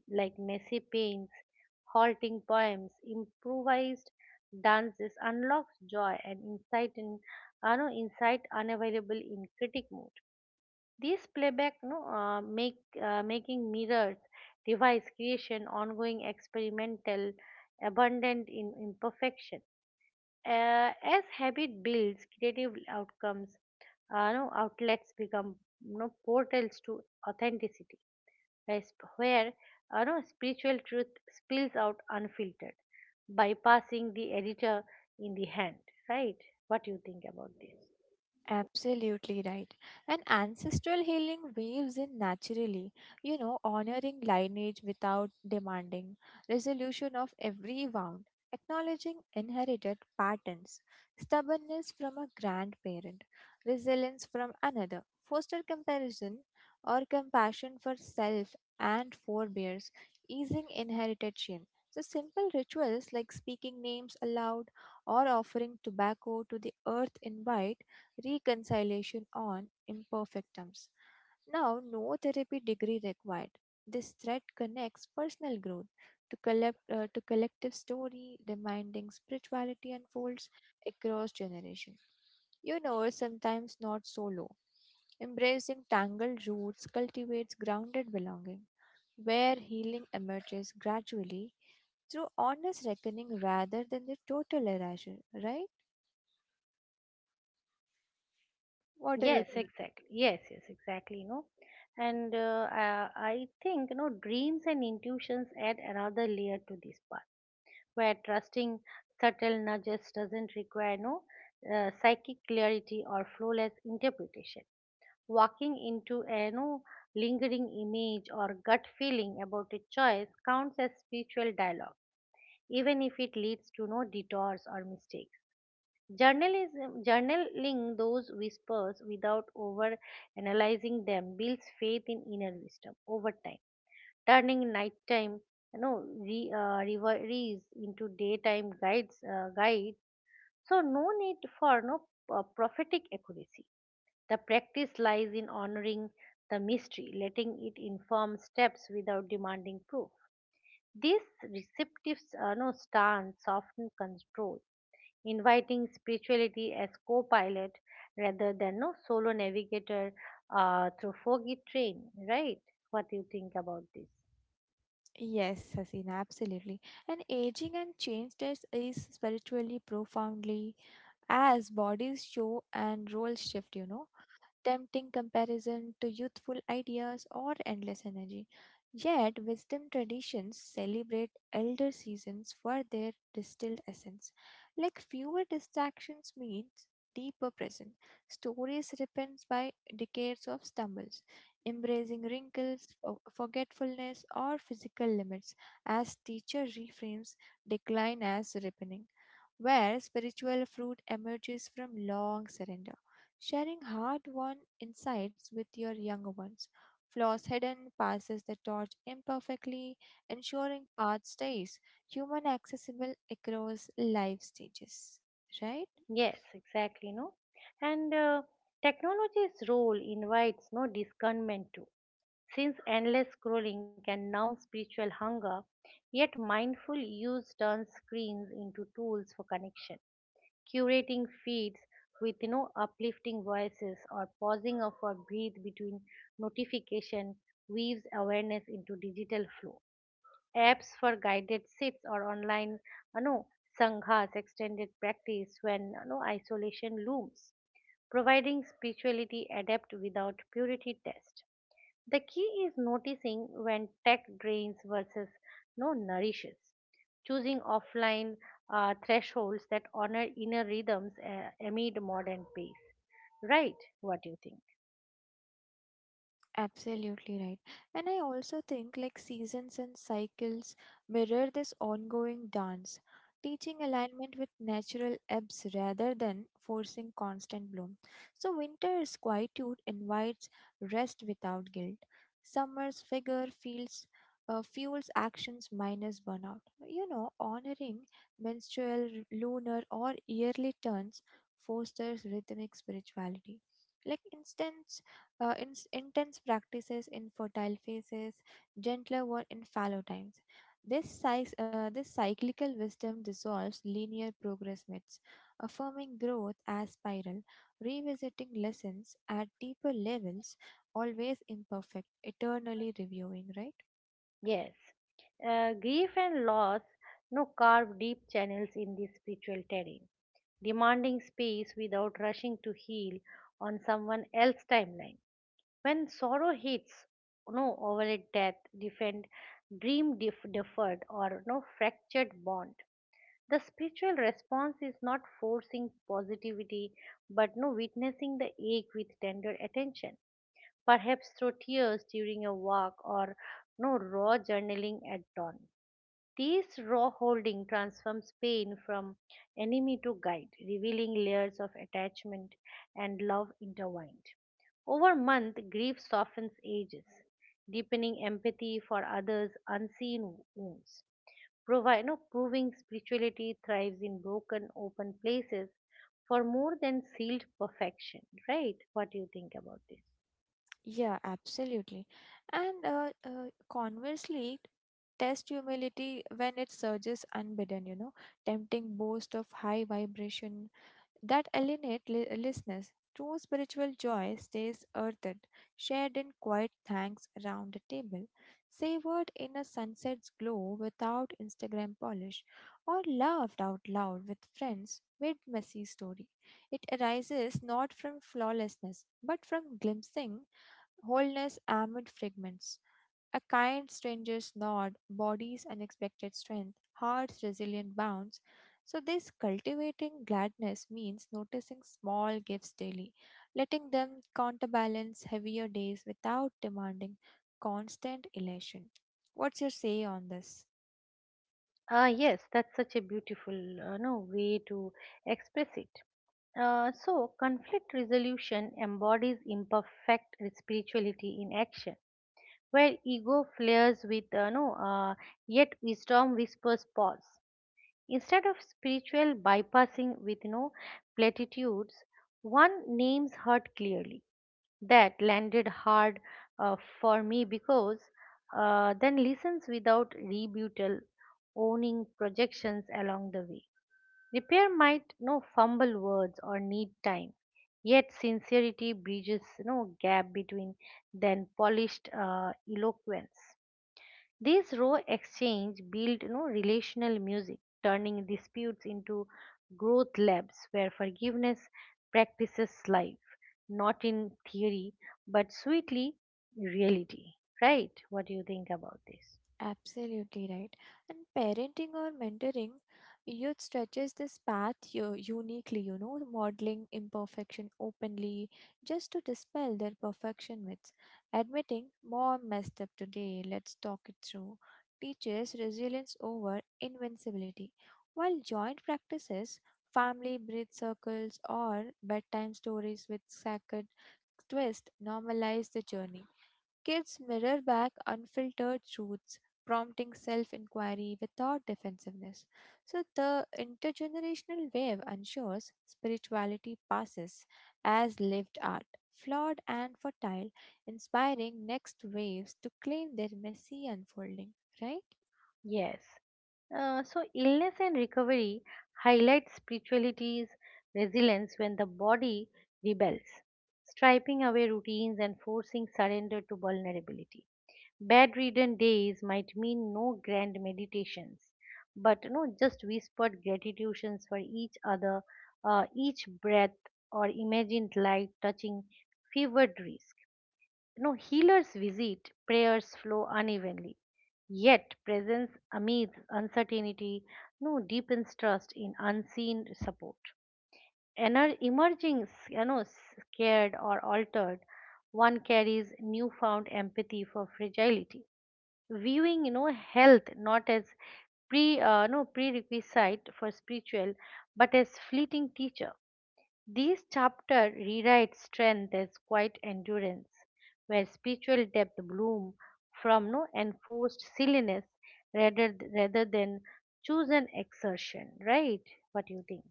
like messy paints, halting poems, improvised dances unlocks joy and insight in uh, no, insight unavailable in critic mode. These playback no, uh, make uh, making mirrors, device creation, ongoing experimental, abundant in imperfection. Uh, as habit builds, creative outcomes, uh, no, outlets become no portals to authenticity, where sp- where, uh, no, spiritual truth spills out unfiltered, bypassing the editor in the hand. Right? What do you think about this? Absolutely right. And ancestral healing weaves in naturally, you know, honoring lineage without demanding resolution of every wound, acknowledging inherited patterns, stubbornness from a grandparent, resilience from another, foster comparison or compassion for self and forebears, easing inherited shame. So, simple rituals like speaking names aloud or offering tobacco to the earth invite reconciliation on imperfect terms. Now, no therapy degree required. This thread connects personal growth to, collect, uh, to collective story, reminding spirituality unfolds across generations. You know, sometimes not solo. Embracing tangled roots cultivates grounded belonging, where healing emerges gradually through honest reckoning rather than the total erasure, right? What do you Yes, think? exactly. Yes, yes, exactly. You know, and uh, uh, I think you know dreams and intuitions add another layer to this part where trusting subtle nudges doesn't require no uh, psychic clarity or flawless interpretation. Walking into a no lingering image or gut feeling about a choice counts as spiritual dialogue, even if it leads to no detours or mistakes. Journalism, journaling those whispers without over analyzing them builds faith in inner wisdom over time turning nighttime you know re, uh, reveries into daytime guides uh, guide so no need for no uh, prophetic accuracy, the practice lies in honoring the mystery, letting it inform steps without demanding proof. This receptive uh, no stance often control, inviting spirituality as co-pilot rather than no solo navigator uh, through foggy train. Right? What do you think about this? Yes, Hasina, absolutely. And aging and change test is spiritually profoundly as bodies show and roles shift, you know, tempting comparison to youthful ideas or endless energy. Yet, wisdom traditions celebrate elder seasons for their distilled essence. Like fewer distractions means deeper presence. Stories repent by decades of stumbles, embracing wrinkles, fo- forgetfulness, or physical limits, as teacher reframes decline as ripening where spiritual fruit emerges from long surrender, sharing hard won insights with your younger ones. Flaws hidden, passes the torch imperfectly, ensuring path stays human accessible across life stages, right? Yes, exactly, no? And uh, technology's role invites no discernment too. Since endless scrolling can numb spiritual hunger, yet mindful use turns screens into tools for connection. Curating feeds with no uplifting voices or pausing of a breathe between notification weaves awareness into digital flow, apps for guided sits or online, you know, sanghas, extended practice when, you know, isolation looms, providing spirituality adept without purity test. The key is noticing when tech drains versus no nourishes, choosing offline uh, thresholds that honor inner rhythms uh, amid modern pace. Right? What do you think? Absolutely right. And I also think like seasons and cycles mirror this ongoing dance, teaching alignment with natural ebbs rather than forcing constant bloom. So winter's quietude invites rest without guilt. Summer's figure feels uh, fuels actions minus burnout. You know, honoring menstrual, lunar, or yearly turns fosters rhythmic spirituality. Like instance uh, in, intense practices in fertile phases, gentler one in fallow times. This, size, uh, this cyclical wisdom dissolves linear progress myths, affirming growth as spiral, revisiting lessons at deeper levels, always imperfect, eternally reviewing, right? Yes, uh, grief and loss no carve deep channels in this spiritual terrain, demanding space without rushing to heal on someone else's timeline. When sorrow hits, no overlaid death, defend, dream def- deferred, or no fractured bond. The spiritual response is not forcing positivity, but no witnessing the ache with tender attention, perhaps through tears during a walk or no raw journaling at dawn. This raw holding transforms pain from enemy to guide, revealing layers of attachment and love intertwined. Over month, grief softens ages, deepening empathy for others' unseen wounds. Provi- no, Proving spirituality thrives in broken, open places for more than sealed perfection. Right? What do you think about this? Yeah, absolutely. And uh, uh, conversely, test humility when it surges unbidden, you know, tempting boast of high vibration that alienate li- listeners. True spiritual joy stays earthen, shared in quiet thanks around the table, savored in a sunset's glow without Instagram polish, or laughed out loud with friends mid messy story. It arises not from flawlessness, but from glimpsing wholeness amid fragments. A kind stranger's nod, body's unexpected strength, heart's resilient bounce. So, this cultivating gladness means noticing small gifts daily, letting them counterbalance heavier days without demanding constant elation. What's your say on this? Ah, yes, that's such a beautiful uh, no way to express it. Uh, so, conflict resolution embodies imperfect spirituality in action, where ego flares with uh, no, uh, yet wisdom whispers pause. Instead of spiritual bypassing with no platitudes, one names hurt clearly that landed hard uh, for me because uh, then listens without rebuttal, owning projections along the way. Repair might no fumble words or need time, yet sincerity bridges no gap between than polished uh, eloquence. This raw exchange built, you know, relational music, turning disputes into growth labs where forgiveness practices life, not in theory, but sweetly reality. Right? What do you think about this? Absolutely right. And parenting or mentoring, youth stretches this path u- uniquely, you know, modeling imperfection openly just to dispel their perfection myths. Admitting, mom messed up today, let's talk it through, teaches resilience over invincibility. While joint practices, family breath circles, or bedtime stories with sacred twist normalize the journey. Kids mirror back unfiltered truths, prompting self inquiry without defensiveness. So, the intergenerational wave ensures spirituality passes as lived art, flawed and fertile, inspiring next waves to claim their messy unfolding, right? Yes. Uh, so, illness and recovery highlight spirituality's resilience when the body rebels, striping away routines and forcing surrender to vulnerability. Bedridden days might mean no grand meditations, but no just whispered gratitudes for each other, uh, each breath, or imagined light touching fevered risk. No healers visit, prayers flow unevenly. Yet presence amidst uncertainty, no deepens trust in unseen support. And emerging, you know, scared or altered, one carries newfound empathy for fragility, viewing, you know, health not as pre uh, no prerequisite for spiritual but as fleeting teacher. This chapter rewrites strength as quiet endurance where spiritual depth bloom from no enforced silliness rather rather than chosen exertion. Right? What do you think?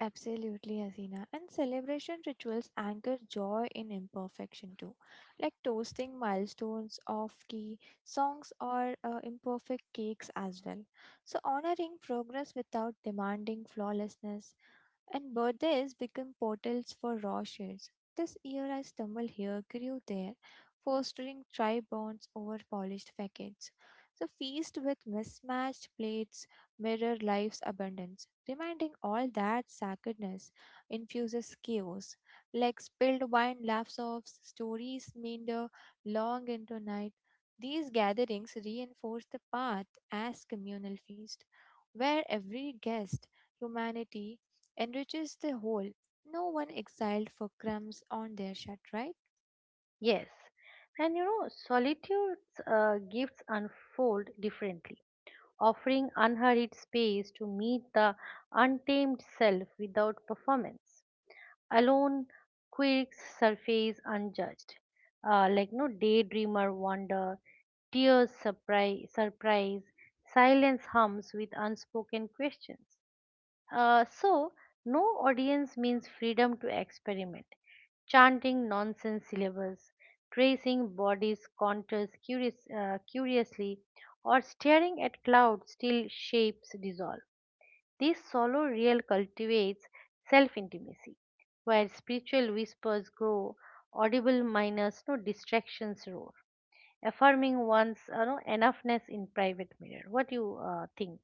Absolutely, Hasina. And celebration rituals anchor joy in imperfection too, like toasting milestones of key songs or uh, imperfect cakes as well. So, honoring progress without demanding flawlessness, and birthdays become portals for raw shades. This year I stumbled here, grew there, fostering tribe bonds over polished facades. So feast with mismatched plates, mirror life's abundance, reminding all that sacredness infuses chaos. Like spilled wine, laughs off, stories meander long into night. These gatherings reinforce the path as communal feast, where every guest, humanity, enriches the whole. No one exiled for crumbs on their shut, right? Yes, and you know solitude's uh, gifts unfold differently, offering unhurried space to meet the untamed self without performance. Alone, quirks surface unjudged, uh, like no daydreamer wonder, tears surprise, surprise, silence hums with unspoken questions. Uh, so, no audience means freedom to experiment. Chanting nonsense syllables, tracing bodies' contours curious, uh, curiously, or staring at clouds till shapes dissolve. This solo reel cultivates self intimacy, where spiritual whispers grow, audible minors, no distractions roar, affirming one's uh, no, enoughness in private mirror. What do you uh, think?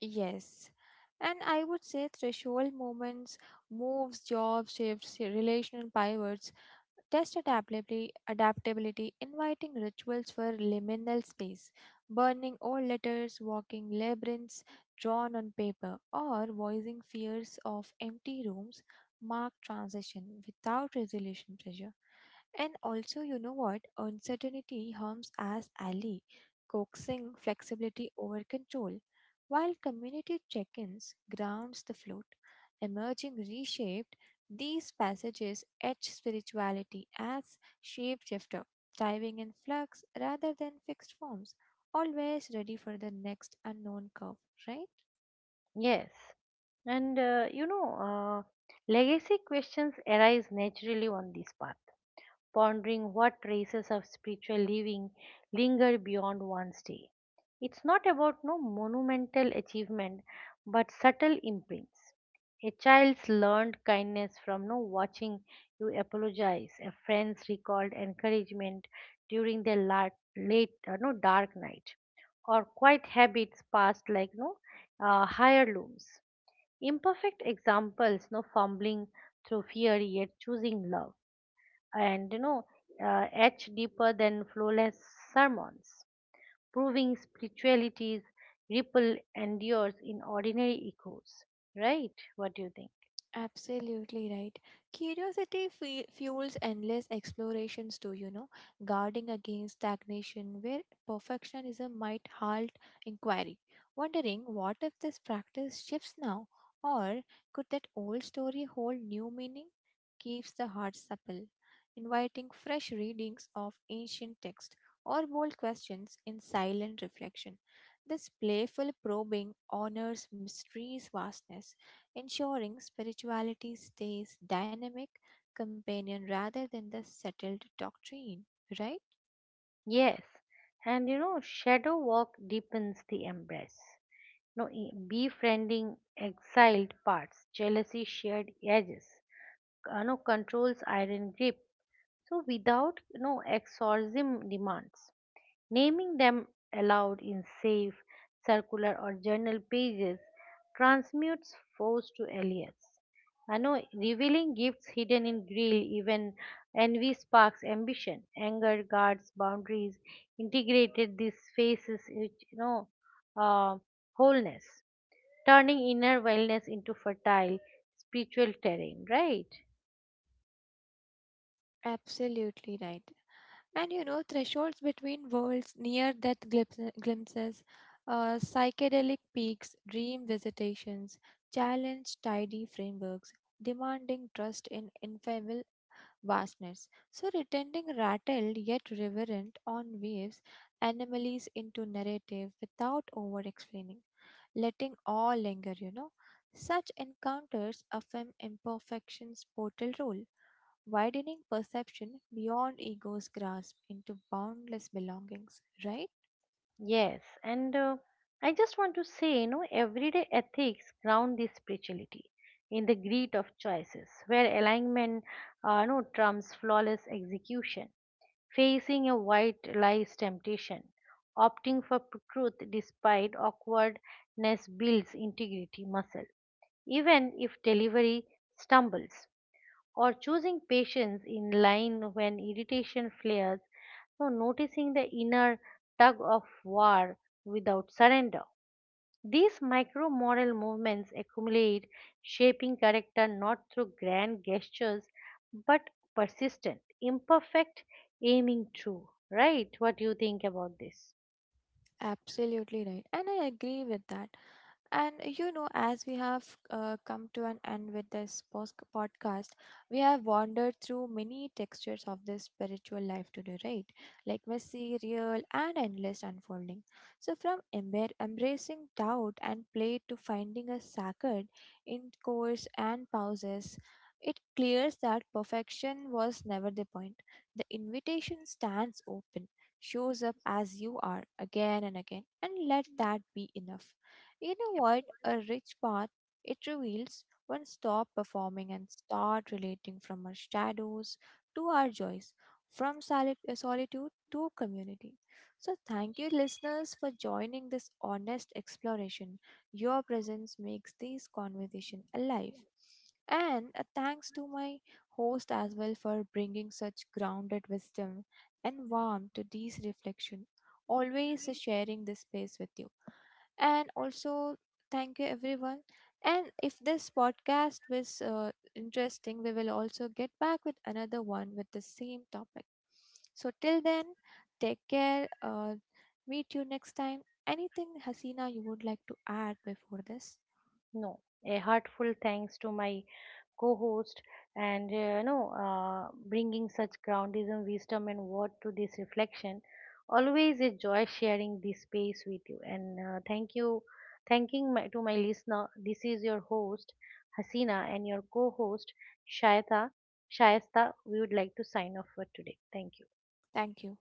Yes. And I would say threshold moments, moves, job shifts, relational pivots, test adaptability, adaptability, inviting rituals for liminal space, burning old letters, walking labyrinths drawn on paper, or voicing fears of empty rooms mark transition without resolution pressure. And also, you know what? Uncertainty harms as ally, coaxing flexibility over control, while community check ins grounds the float. Emerging reshaped, these passages etch spirituality as shapeshifter, diving in flux rather than fixed forms, always ready for the next unknown curve, right? Yes. And uh, you know, uh, legacy questions arise naturally on this path, pondering what traces of spiritual living linger beyond one's day. It's not about no monumental achievement, but subtle imprints. A child's learned kindness from no watching you apologize, a friend's recalled encouragement during their la- late, uh, no dark night, or quiet habits passed like no uh, heirlooms. Imperfect examples, no fumbling through fear yet choosing love and you know uh, etched deeper than flawless sermons, proving spirituality's ripple endures in ordinary echoes. Right? What do you think? Absolutely right. Curiosity fe- fuels endless explorations, too, you know, guarding against stagnation where perfectionism might halt inquiry. Wondering what if this practice shifts now, or could that old story hold new meaning? Keeps the heart supple, inviting fresh readings of ancient text or bold questions in silent reflection. This playful probing honors mystery's vastness ensuring spirituality stays dynamic companion rather than the settled doctrine, right? Yes, and you know shadow walk deepens the embrace. No, e- befriending exiled parts, jealousy shared edges, uh, no controls iron grip. So without no exorcism demands. Naming them aloud in safe, circular, or journal pages transmutes force to alias. I know revealing gifts hidden in grill, even envy sparks ambition, anger guards boundaries, integrated these faces which you know uh, wholeness, turning inner wellness into fertile spiritual terrain, right? Absolutely right. And you know, thresholds between worlds near death glimpses, uh, psychedelic peaks, dream visitations, challenge tidy frameworks, demanding trust in infamil vastness. So, returning rattled yet reverent on waves, anomalies into narrative without over explaining. Letting all linger, you know. Such encounters affirm imperfection's portal role, widening perception beyond ego's grasp into boundless belongings, right? Yes, and uh, I just want to say, you know, everyday ethics ground this spirituality in the greed of choices, where alignment, uh, no, trumps flawless execution. Facing a white lies temptation, opting for p- truth despite awkwardness builds integrity muscle, even if delivery stumbles or choosing patience in line when irritation flares, so noticing the inner tug of war without surrender. These micro moral movements accumulate, shaping character not through grand gestures but persistent, imperfect, aiming true. Right? What do you think about this? Absolutely right. And I agree with that. And uh, you know, as we have uh, come to an end with this pos- podcast, we have wandered through many textures of this spiritual life today, right? Like messy, real, and endless unfolding. So, from embar- embracing doubt and play to finding a sacred in course and pauses, it clears that perfection was never the point. The invitation stands open, shows up as you are again and again, and let that be enough. You know what? A rich path, it reveals when stop performing and start relating from our shadows to our joys, from soli- uh, solitude to community. So, thank you, listeners, for joining this honest exploration. Your presence makes this conversation alive. And a thanks to my host as well for bringing such grounded wisdom and warmth to these reflection. Always sharing this space with you and also thank you everyone and if this podcast was uh, interesting we will also get back with another one with the same topic so till then take care uh, Meet you next time. Anything Hasina you would like to add before this? No, a heartfelt thanks to my co-host and uh, no uh, bringing such groundism, wisdom, and word to this reflection. Always a joy sharing this space with you. And uh, thank you, thanking my, to my listener. This is your host Hasina and your co-host Shaita. Shaista, we would like to sign off for today. Thank you. Thank you.